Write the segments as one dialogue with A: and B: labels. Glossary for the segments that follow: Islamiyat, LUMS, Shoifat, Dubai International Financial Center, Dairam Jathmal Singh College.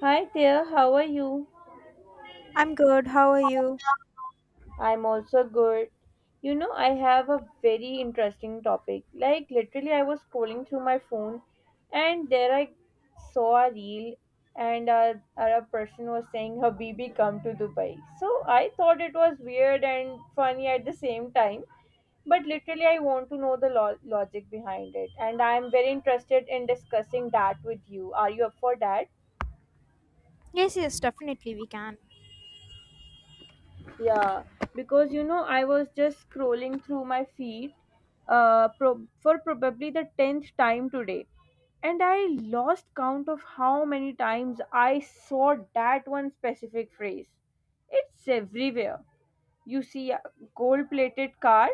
A: Hi there, how are you?
B: I'm good. How are you?
A: I'm also good. I have a very interesting topic. Like, literally, I was scrolling through my phone and there I saw a reel and a person was saying, "Habibi, come to Dubai." So I thought it was weird and funny at the same time. But literally, I want to know the logic behind it. And I'm very interested in discussing that with you. Are you up for that?
B: Yes, yes, definitely we can.
A: Yeah, because you know, I was just scrolling through my feed for probably the 10th time today, and I lost count of how many times I saw that one specific phrase. It's everywhere. You see a gold plated car,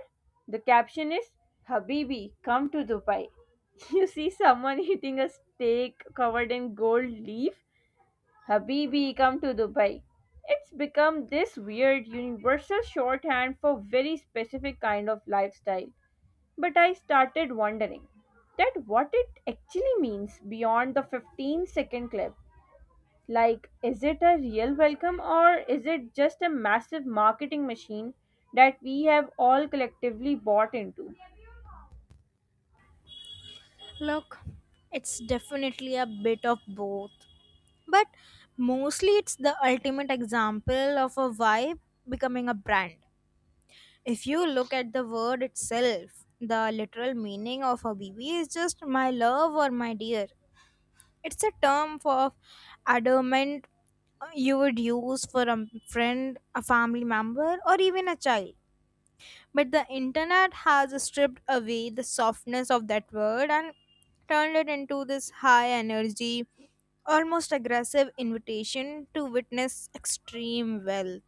A: the caption is "Habibi, come to Dubai." You see someone eating a steak covered in gold leaf, "Habibi, come to Dubai." It's become this weird universal shorthand for very specific kind of lifestyle. But I started wondering that what it actually means beyond the 15-second clip. Like, is it a real welcome or is it just a massive marketing machine that we have all collectively bought into?
B: Look, it's definitely a bit of both. But mostly it's the ultimate example of a vibe becoming a brand. If you look at the word itself, the literal meaning of a BB is just my love or my dear. It's a term for adornment you would use for a friend, a family member, or even a child. But the internet has stripped away the softness of that word and turned it into this high energy, almost aggressive invitation to witness extreme wealth.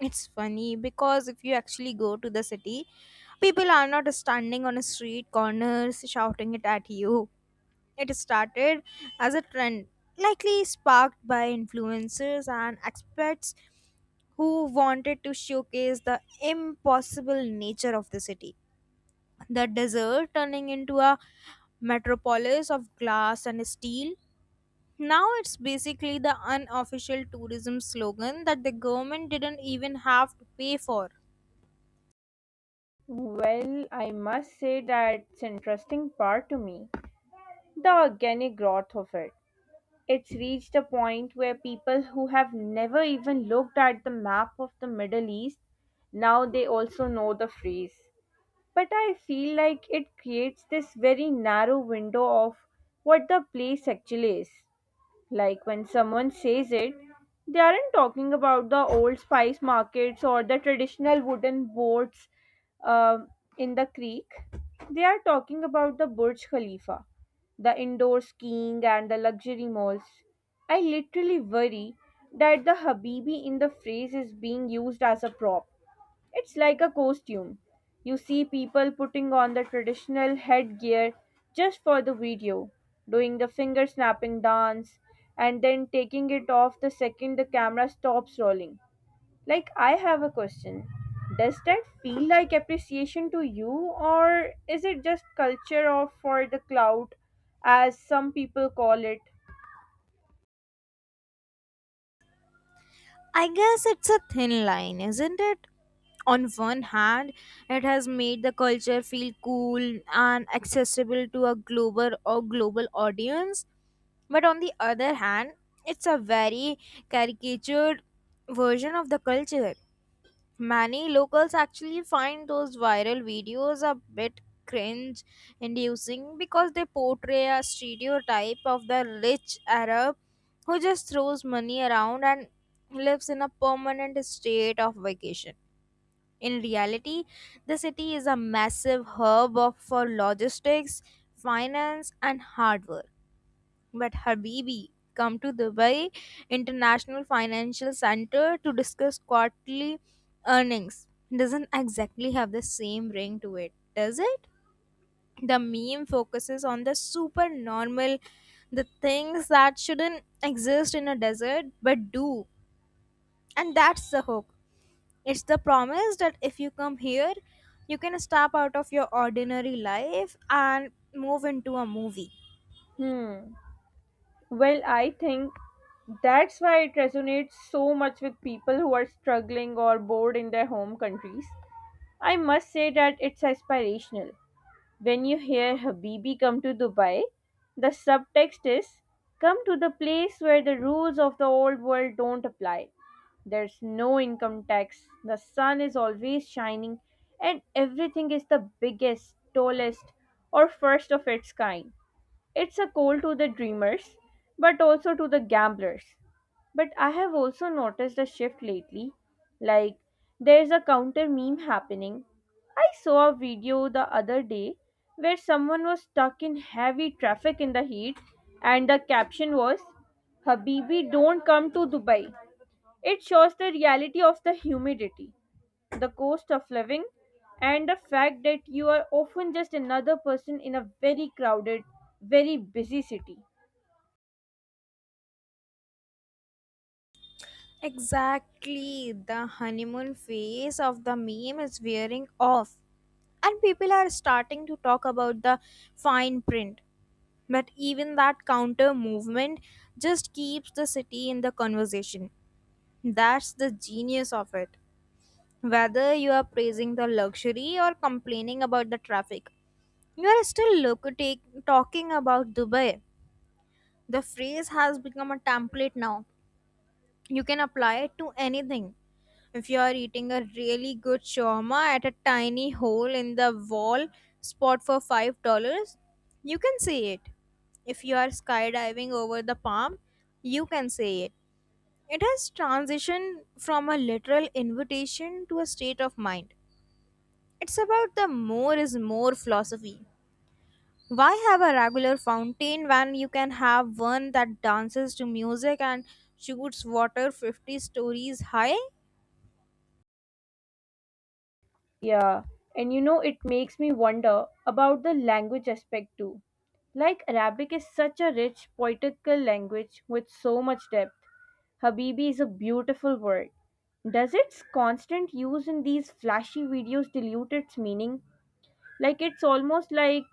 B: It's funny because if you actually go to the city, people are not standing on a street corners shouting it at you. It started as a trend, likely sparked by influencers and experts who wanted to showcase the impossible nature of the city. The desert turning into a metropolis of glass and steel. Now it's basically the unofficial tourism slogan that the government didn't even have to pay for.
A: Well, I must say that's interesting part to me. The organic growth of it. It's reached a point where people who have never even looked at the map of the Middle East now they also know the phrase. But I feel like it creates this very narrow window of what the place actually is. Like when someone says it, they aren't talking about the old spice markets or the traditional wooden boats um, in the creek. They are talking about the Burj Khalifa, the indoor skiing, and the luxury malls. I literally worry that the Habibi in the phrase is being used as a prop, it's like a costume. You see people putting on the traditional headgear just for the video, doing the finger snapping dance, and then taking it off the second the camera stops rolling. Like, I have a question. Does that feel like appreciation to you, or is it just culture of for the clout, as some people call it?
B: I guess it's a thin line, isn't it? On one hand, it has made the culture feel cool and accessible to a global or global audience, but on the other hand, it's a very caricatured version of the culture. Many locals actually find those viral videos a bit cringe inducing because they portray a stereotype of the rich Arab who just throws money around and lives in a permanent state of vacation. In reality, the city is a massive hub for logistics, finance, and hard work. But Habibi, come to Dubai International Financial Center to discuss quarterly earnings doesn't exactly have the same ring to it, does it? The meme focuses on the super normal, the things that shouldn't exist in a desert but do. And that's the hook. It's the promise that if you come here, you can step out of your ordinary life and move into a movie.
A: Hmm. Well, I think that's why it resonates so much with people who are struggling or bored in their home countries. I must say that it's aspirational. When you hear "Habibi, come to Dubai," the subtext is come to the place where the rules of the old world don't apply. There's no income tax, the sun is always shining, and everything is the biggest, tallest, or first of its kind. It's a call to the dreamers, but also to the gamblers. But I have also noticed a shift lately. Like, there's a counter meme happening. I saw a video the other day where someone was stuck in heavy traffic in the heat, and the caption was, "Habibi, don't come to Dubai." It shows the reality of the humidity, the cost of living, and the fact that you are often just another person in a very crowded, very busy city.
B: Exactly. The honeymoon phase of the meme is wearing off, and people are starting to talk about the fine print. But even that counter movement just keeps the city in the conversation. That's the genius of it. Whether you are praising the luxury or complaining about the traffic, you are still talking about Dubai. The phrase has become a template now. You can apply it to anything. If you are eating a really good shawarma at a tiny hole in the wall spot for $5, you can see it. If you are skydiving over the palm, you can see it. It has transitioned from a literal invitation to a state of mind. It's about the more is more philosophy. Why have a regular fountain when you can have one that dances to music and shoots water 50 stories high?
A: Yeah, and you know, it makes me wonder about the language aspect too. Like Arabic is such a rich poetical language with so much depth. Habibi is a beautiful word. Does its constant use in these flashy videos dilute its meaning? Like it's almost like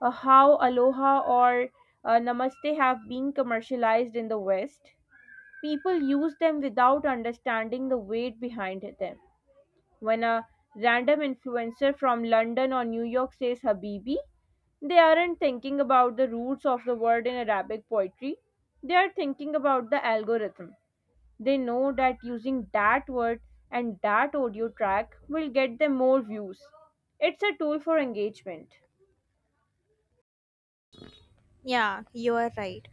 A: how aloha or namaste have been commercialized in the West. People use them without understanding the weight behind them. When a random influencer from London or New York says Habibi, they aren't thinking about the roots of the word in Arabic poetry. They are thinking about the algorithm. They know that using that word and that audio track will get them more views. It's a tool for engagement.
B: Yeah, you are right.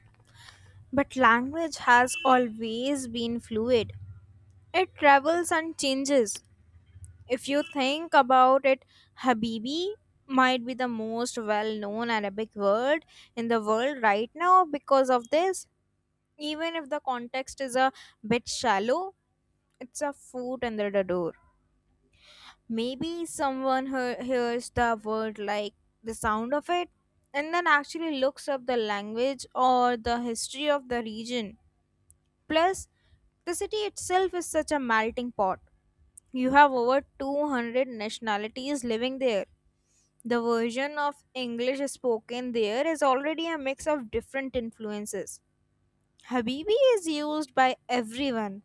B: But language has always been fluid. It travels and changes. If you think about it, Habibi might be the most well known Arabic word in the world right now because of this. Even if the context is a bit shallow, it's a foot under the door. Maybe someone hears the word like the sound of it and then actually looks up the language or the history of the region. Plus, the city itself is such a melting pot. You have over 200 nationalities living there. The version of English spoken there is already a mix of different influences. Habibi is used by everyone,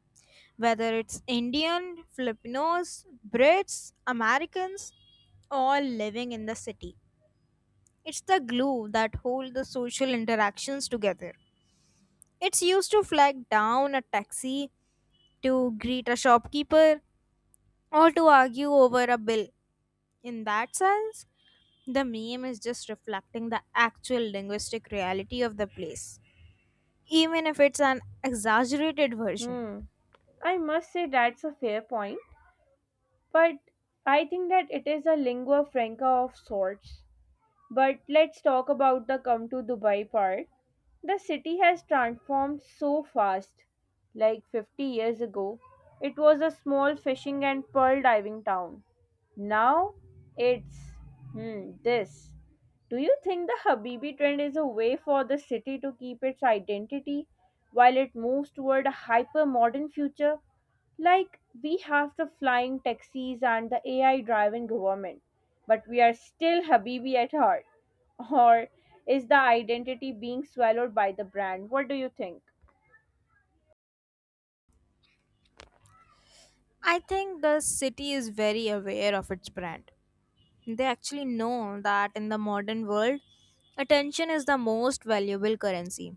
B: whether it's Indian, Filipinos, Brits, Americans, all living in the city. It's the glue that holds the social interactions together. It's used to flag down a taxi, to greet a shopkeeper, or to argue over a bill. In that sense, the meme is just reflecting the actual linguistic reality of the place, even if it's an exaggerated version.
A: Hmm. I must say that's a fair point, but I think that it is a lingua franca of sorts. But let's talk about the "come to Dubai" part. The city has transformed so fast. Like 50 years ago, it was a small fishing and pearl diving town. Now it's this. Do you think the Habibi trend is a way for the city to keep its identity while it moves toward a hyper modern future? Like, we have the flying taxis and the AI driven government, but we are still Habibi at heart. Or is the identity being swallowed by the brand? What do you think?
B: I think the city is very aware of its brand. They actually know that in the modern world, attention is the most valuable currency.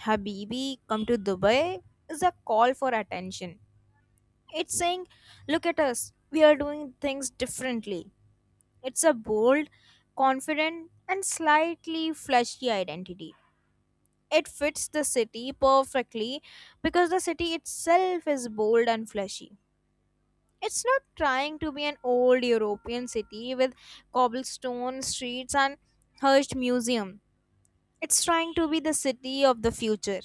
B: Habibi, come to Dubai is a call for attention. It's saying, look at us, we are doing things differently. It's a bold, confident, and slightly flashy identity. It fits the city perfectly because the city itself is bold and flashy. It's not trying to be an old European city with cobblestone streets and hushed museum. It's trying to be the city of the future.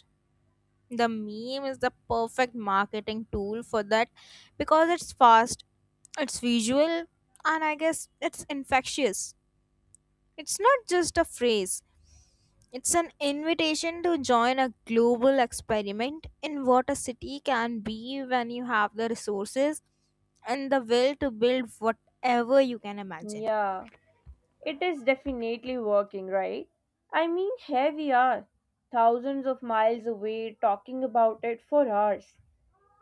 B: The meme is the perfect marketing tool for that because it's fast, it's visual, and I guess it's infectious. It's not just a phrase, it's an invitation to join a global experiment in what a city can be when you have the resources and the will to build whatever you can imagine.
A: Yeah, it is definitely working, right? I mean, here we are, thousands of miles away, talking about it for hours.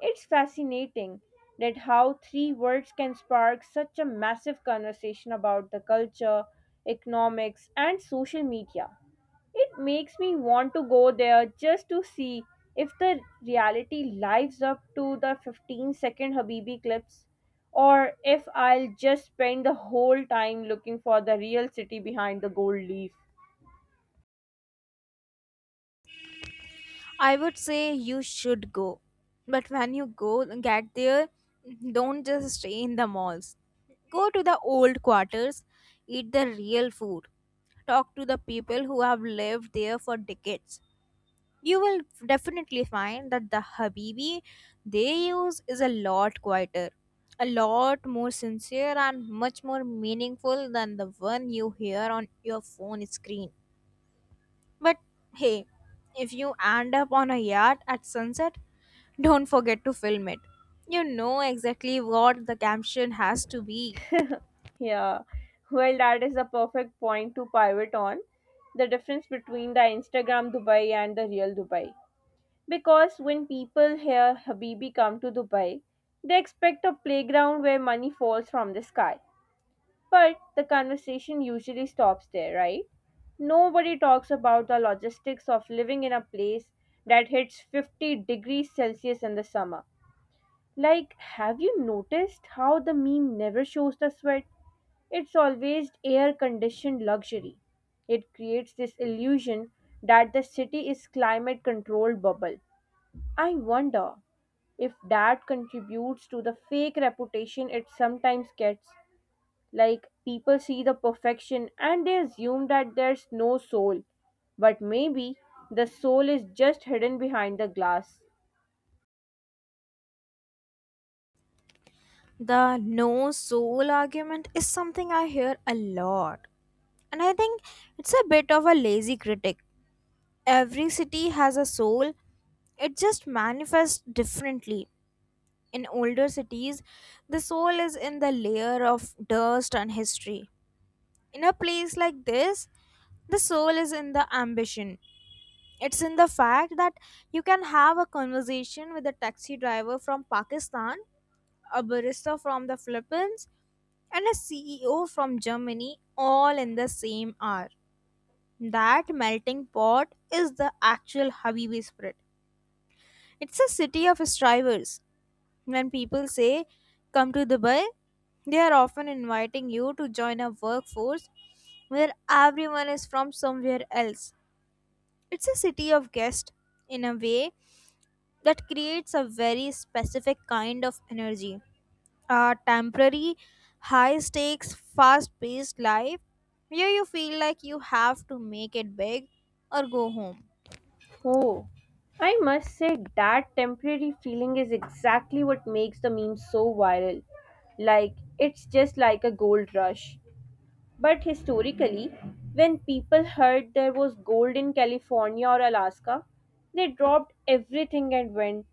A: It's fascinating that how three words can spark such a massive conversation about the culture, economics, and social media. It makes me want to go there just to see if the reality lives up to the 15-second Habibi clips or if I'll just spend the whole time looking for the real city behind the gold leaf.
B: I would say you should go. But when you go get there, don't just stay in the malls. Go to the old quarters, eat the real food, talk to the people who have lived there for decades. You will definitely find that the Habibi they use is a lot quieter, a lot more sincere, and much more meaningful than the one you hear on your phone screen. But hey, if you end up on a yacht at sunset, don't forget to film it. You know exactly what the caption has to be.
A: Yeah, well, that is the perfect point to pivot on: the difference between the Instagram Dubai and the real Dubai. Because when people hear "Habibi, come to Dubai," they expect a playground where money falls from the sky. But the conversation usually stops there, right? Nobody talks about the logistics of living in a place that hits 50 degrees Celsius in the summer. Like, have you noticed how the meme never shows the sweat? It's always air conditioned luxury. It creates this illusion that the city is climate controlled bubble. I wonder if that contributes to the fake reputation it sometimes gets. Like people see the perfection and they assume that there's no soul. But maybe the soul is just hidden behind the glass.
B: The no soul argument is something I hear a lot, and I think it's a bit of a lazy critic. Every city has a soul, it just manifests differently. In older cities, the soul is in the layer of dust and history. In a place like this, the soul is in the ambition. It's in the fact that you can have a conversation with a taxi driver from Pakistan, a barista from the Philippines, and a CEO from Germany all in the same hour. That melting pot is the actual Habibi spirit. It's a city of strivers. When people say, come to Dubai, they are often inviting you to join a workforce where everyone is from somewhere else. It's a city of guests in a way that creates a very specific kind of energy. A temporary, high stakes, fast paced life where you feel like you have to make it big or go home.
A: Oh, I must say that temporary feeling is exactly what makes the meme so viral. Like, it's just like a gold rush. But historically, when people heard there was gold in California or Alaska, they dropped everything and went.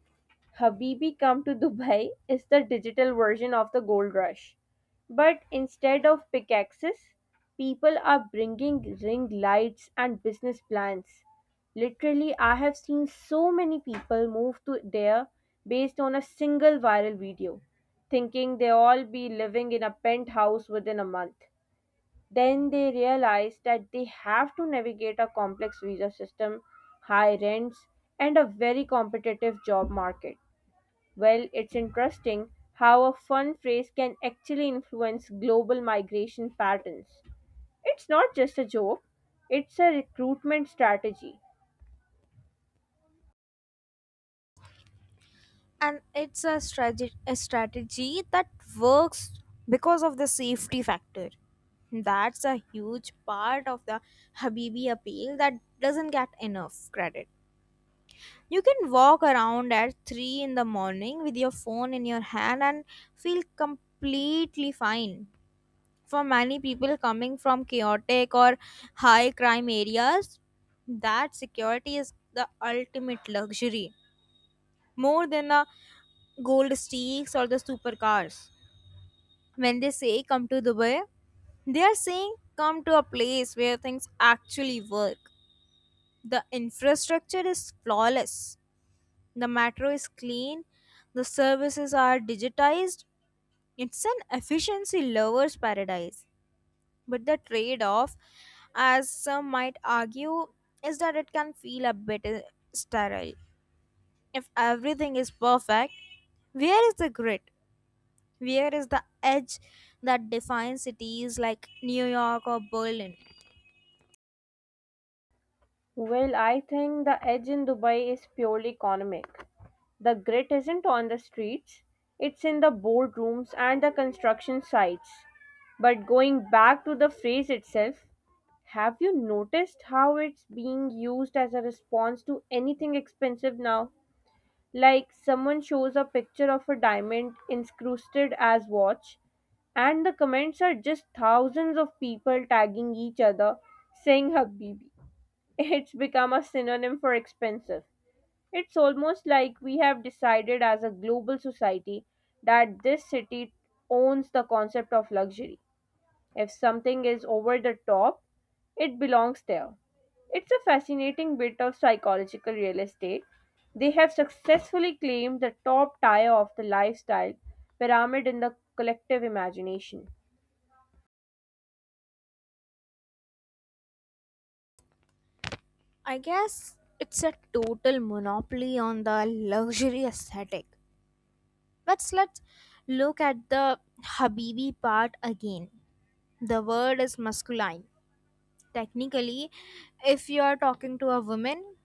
A: "Habibi Come to Dubai" is the digital version of the gold rush. But instead of pickaxes, people are bringing ring lights and business plans. Literally, I have seen so many people move to there based on a single viral video, thinking they all be living in a penthouse within a month. Then they realize that they have to navigate a complex visa system, high rents, and a very competitive job market. Well, it's interesting how a fun phrase can actually influence global migration patterns. It's not just a joke, it's a recruitment strategy.
B: And it's a strategy that works because of the safety factor. That's a huge part of the habibi appeal that doesn't get enough credit. You can walk around at 3 in the morning with your phone in your hand and feel completely fine. For many people coming from chaotic or high crime areas, that security is the ultimate luxury, more than a gold stakes or the supercars. When they say come to Dubai, they are saying come to a place where things actually work. The infrastructure is flawless, the metro is clean, the services are digitized. It's an efficiency lover's paradise. But the trade off, as some might argue, is that it can feel a bit sterile. If everything is perfect, where is the grit? Where is the edge that defines cities like New York or Berlin?
A: Well, I think the edge in Dubai is purely economic. The grit isn't on the streets, it's in the boardrooms and the construction sites. But going back to the phrase itself, have you noticed how it's being used as a response to anything expensive now? Like someone shows a picture of a diamond incrusted as watch and the comments are just thousands of people tagging each other saying habibi. It's become a synonym for expensive. It's almost like we have decided as a global society that this city owns the concept of luxury. If something is over the top, it belongs there. It's a fascinating bit of psychological real estate. They have successfully claimed the top tier of the lifestyle pyramid in the collective imagination.
B: I guess it's a total monopoly on the luxury aesthetic. Let's look at the Habibi part again. The word is masculine. Technically, if you are talking to a woman,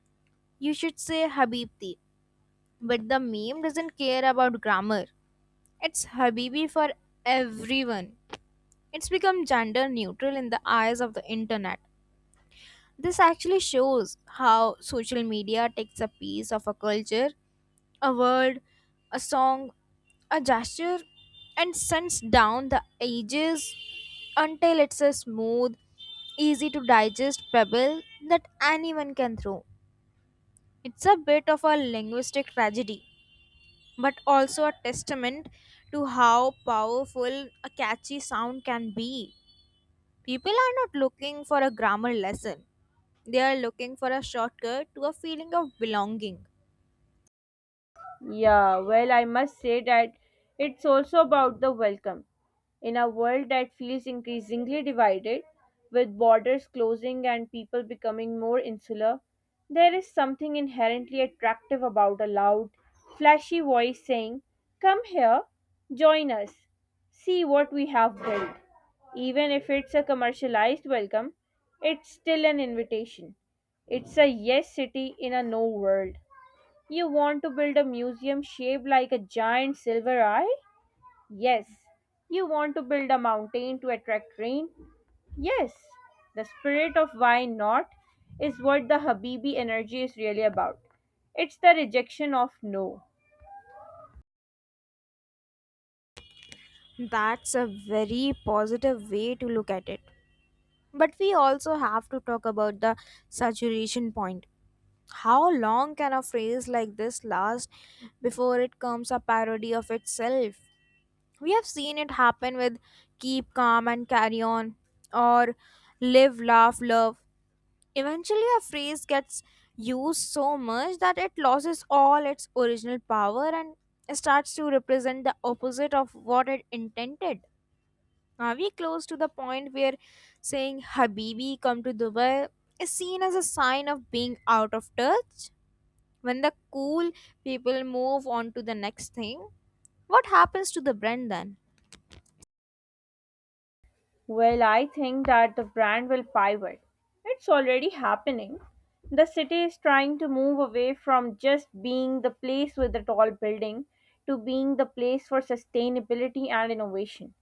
B: you should say Habibti. But the meme doesn't care about grammar. It's Habibi for everyone. It's become gender neutral in the eyes of the internet. This actually shows how social media takes a piece of a culture, a word, a song, a gesture, and sends down the ages until it's a smooth, easy to digest pebble that anyone can throw. It's a bit of a linguistic tragedy, but also a testament to how powerful a catchy sound can be. People are not looking for a grammar lesson. They are looking for a shortcut to a feeling of belonging.
A: Yeah, well, I must say that it's also about the welcome. In a world that feels increasingly divided, with borders closing and people becoming more insular, there is something inherently attractive about a loud, flashy voice saying, "Come here, join us, see what we have built." Even if it's a commercialized welcome, it's still an invitation. It's a yes city in a no world. You want to build a museum shaped like a giant silver eye? Yes. You want to build a mountain to attract rain? Yes. The spirit of "why not" is what the Habibi energy is really about. It's the rejection of no.
B: That's a very positive way to look at it. But we also have to talk about the saturation point. How long can a phrase like this last before it becomes a parody of itself? We have seen it happen with keep calm and carry on, or live, laugh, love. Eventually, a phrase gets used so much that it loses all its original power and starts to represent the opposite of what it intended. Are we close to the point where saying Habibi come to Dubai is seen as a sign of being out of touch? When the cool people move on to the next thing, what happens to the brand then?
A: Well, I think that the brand will pivot. It's already happening. The city is trying to move away from just being the place with the tall building to being the place for sustainability and innovation.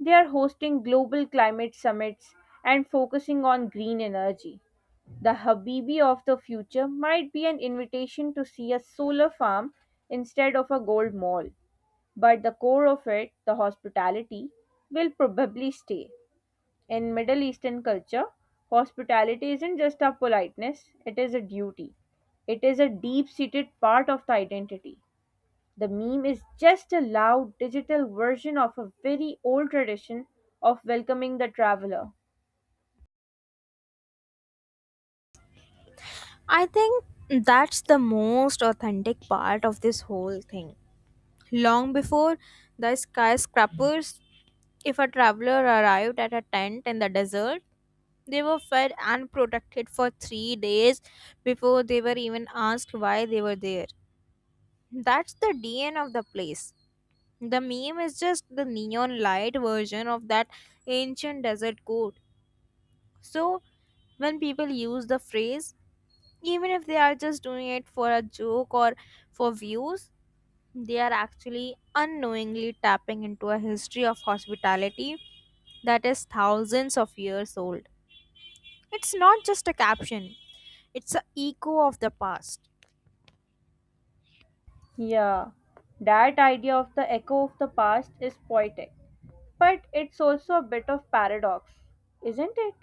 A: They are hosting global climate summits and focusing on green energy. The Habibi of the future might be an invitation to see a solar farm instead of a gold mall, but the core of it, the hospitality, will probably stay. In Middle Eastern culture, hospitality isn't just a politeness, it is a duty. It is a deep seated part of the identity. The meme is just a loud digital version of a very old tradition of welcoming the traveler.
B: I think that's the most authentic part of this whole thing. Long before the skyscrapers, if a traveler arrived at a tent in the desert, they were fed and protected for 3 days before they were even asked why they were there. That's the DNA of the place. The meme is just the neon light version of that ancient desert code. So, when people use the phrase, even if they are just doing it for a joke or for views, they are actually unknowingly tapping into a history of hospitality that is thousands of years old. It's not just a caption, it's an echo of the past.
A: Yeah, that idea of the echo of the past is poetic, but it's also a bit of paradox, isn't it?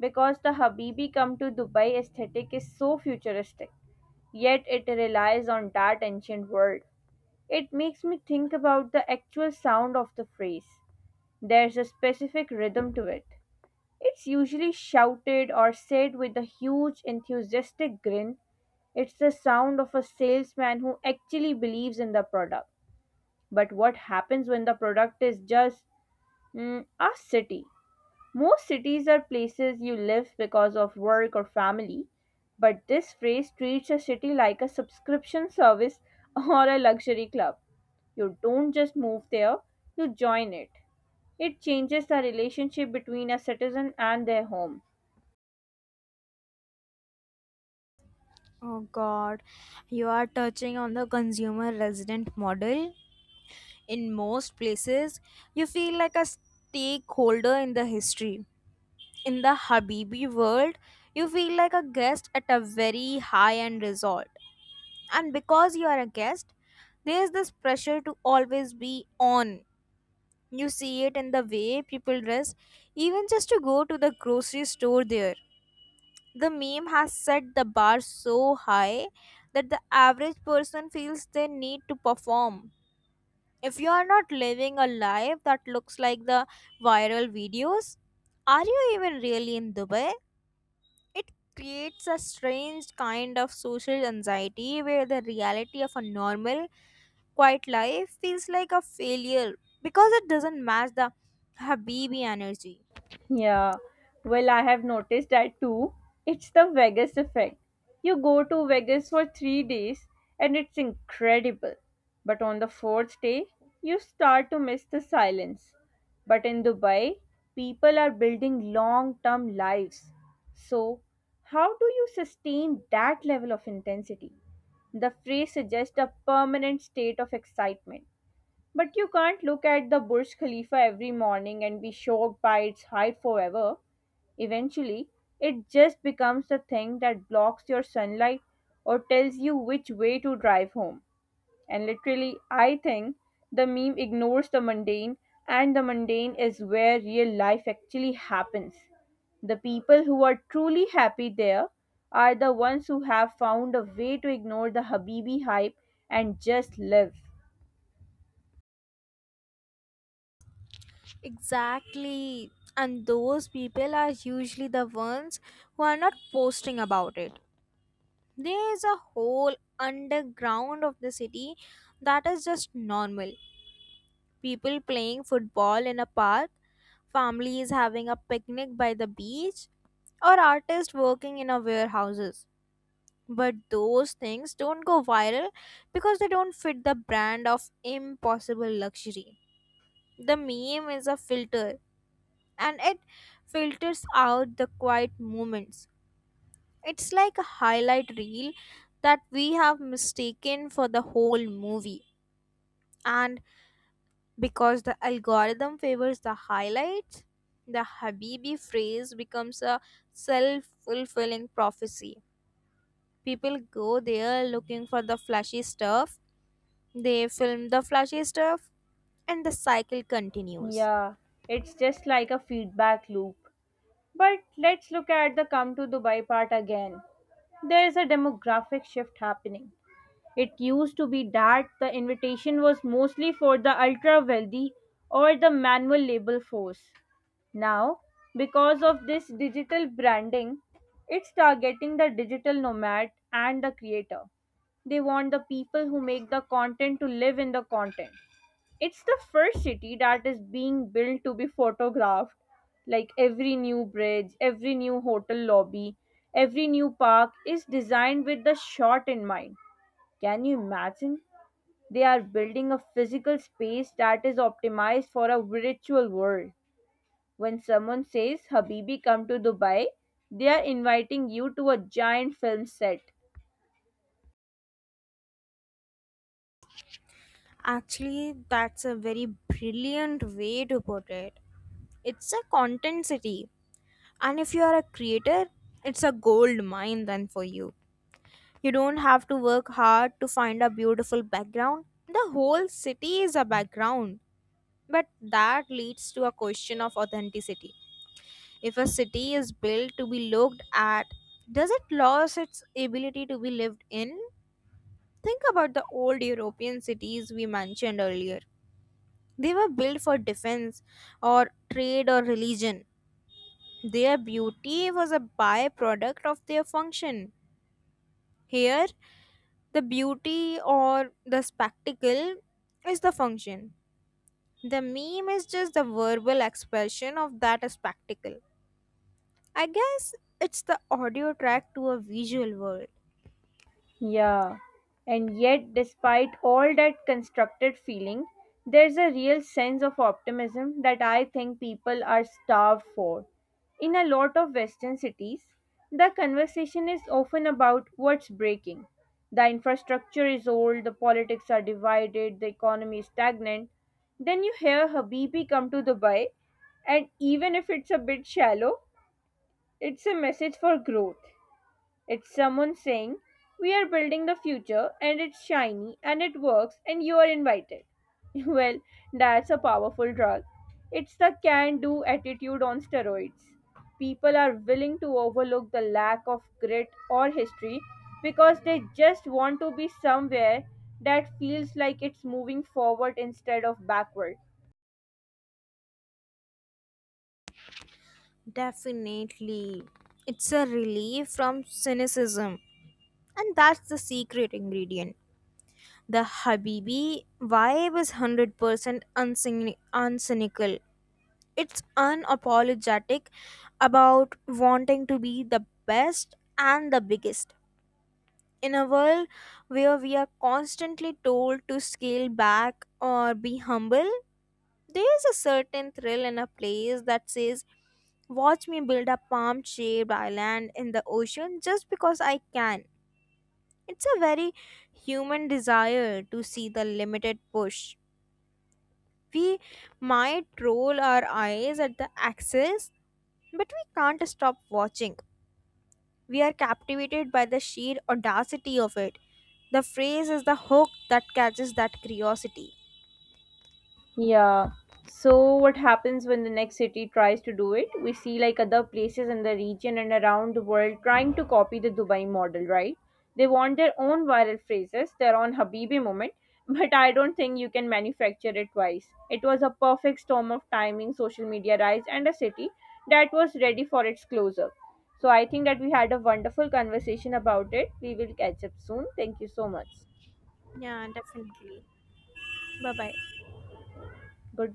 A: Because the "Habibi come to Dubai" aesthetic is so futuristic, yet it relies on that ancient word. It makes me think about the actual sound of the phrase. There's a specific rhythm to it. It's usually shouted or said with a huge, enthusiastic grin. It's the sound of a salesman who actually believes in the product. But what happens when the product is just a city? Most cities are places you live because of work or family, but this phrase treats a city like a subscription service or a luxury club. You don't just move there, you join it. It changes the relationship between a citizen and their home.
B: Oh god, you are touching on the consumer resident model. In most places, you feel like a stakeholder in the history. In the Habibi world, you feel like a guest at a very high end resort. And because you are a guest, there's this pressure to always be on. You see it in the way people dress, even just to go to the grocery store there. The meme has set the bar so high that the average person feels they need to perform. If you are not living a life that looks like the viral videos, are you even really in Dubai? It creates a strange kind of social anxiety where the reality of a normal, quiet life feels like a failure because it doesn't match the Habibi energy.
A: Yeah, well, I have noticed that too. It's the Vegas effect. You go to Vegas for 3 days and it's incredible. But on the fourth day, you start to miss the silence. But in Dubai, people are building long term lives. So how do you sustain that level of intensity? The phrase suggests a permanent state of excitement. But you can't look at the Burj Khalifa every morning and be shocked by its height forever. Eventually, it just becomes the thing that blocks your sunlight or tells you which way to drive home. And literally, I think the meme ignores the mundane, and the mundane is where real life actually happens. The people who are truly happy there are the ones who have found a way to ignore the Habibi hype and just live.
B: Exactly. And those people are usually the ones who are not posting about it. There is a whole underground of the city that is just normal. People playing football in a park, families having a picnic by the beach, or artists working in a warehouses. But those things don't go viral because they don't fit the brand of impossible luxury. The meme is a filter and it filters out the quiet moments. It's like a highlight reel that we have mistaken for the whole movie. And because the algorithm favors the highlights, the Habibi phrase becomes a self fulfilling prophecy. People go there looking for the flashy stuff, they film the flashy stuff, and the cycle continues.
A: Yeah, it's just like a feedback loop. But let's look at the "come to Dubai" part again. There is a demographic shift happening. It used to be that the invitation was mostly for the ultra wealthy or the manual labor force. Now, because of this digital branding, it's targeting the digital nomad and the creator. They want the people who make the content to live in the content. It's the first city that is being built to be photographed. Like, every new bridge, every new hotel lobby, every new park is designed with the shot in mind. Can you imagine? They are building a physical space that is optimized for a virtual world. When someone says, "Habibi, come to Dubai," they are inviting you to a giant film set.
B: Actually, that's a very brilliant way to put it. It's a content city. And if you are a creator, it's a gold mine then for you. You don't have to work hard to find a beautiful background. The whole city is a background. But that leads to a question of authenticity. If a city is built to be looked at, does it lose its ability to be lived in? Think about the old European cities we mentioned earlier. They were built for defense or trade or religion. Their beauty was a byproduct of their function. Here, the beauty or the spectacle is the function. The meme is just the verbal expression of that spectacle. I guess it's the audio track to a visual world.
A: Yeah, and yet, despite all that constructed feeling, there's a real sense of optimism that I think people are starved for. In a lot of Western cities, the conversation is often about what's breaking. The infrastructure is old, the politics are divided, the economy is stagnant. Then you hear "Habibi, come to Dubai," and even if it's a bit shallow, it's a message for growth. It's someone saying, "We are building the future, and it's shiny and it works and you are invited." Well, that's a powerful drug. It's the can do attitude on steroids. People are willing to overlook the lack of grit or history because they just want to be somewhere that feels like it's moving forward instead of backward.
B: Definitely. It's a relief from cynicism. And that's the secret ingredient. The Habibi vibe is 100% uncynical. It's unapologetic about wanting to be the best and the biggest. In a world where we are constantly told to scale back or be humble, there is a certain thrill in a place that says, Watch me build a palm shaped island in the ocean just because I can. It's a very human desire to see the limited push. We might roll our eyes at the axis, but we can't stop watching. We are captivated by the sheer audacity of it. The phrase is the hook that catches that curiosity.
A: Yeah. So what happens when the next city tries to do it? We see, like, other places in the region and around the world trying to copy the Dubai model, right? They want their own viral phrases, their own Habibi moment, but I don't think you can manufacture it twice. It was a perfect storm of timing, social media rise, and a city that was ready for its close-up. So I think that we had a wonderful conversation about it. We will catch up soon. Thank you so much.
B: Yeah, definitely. Bye bye.
A: Goodbye.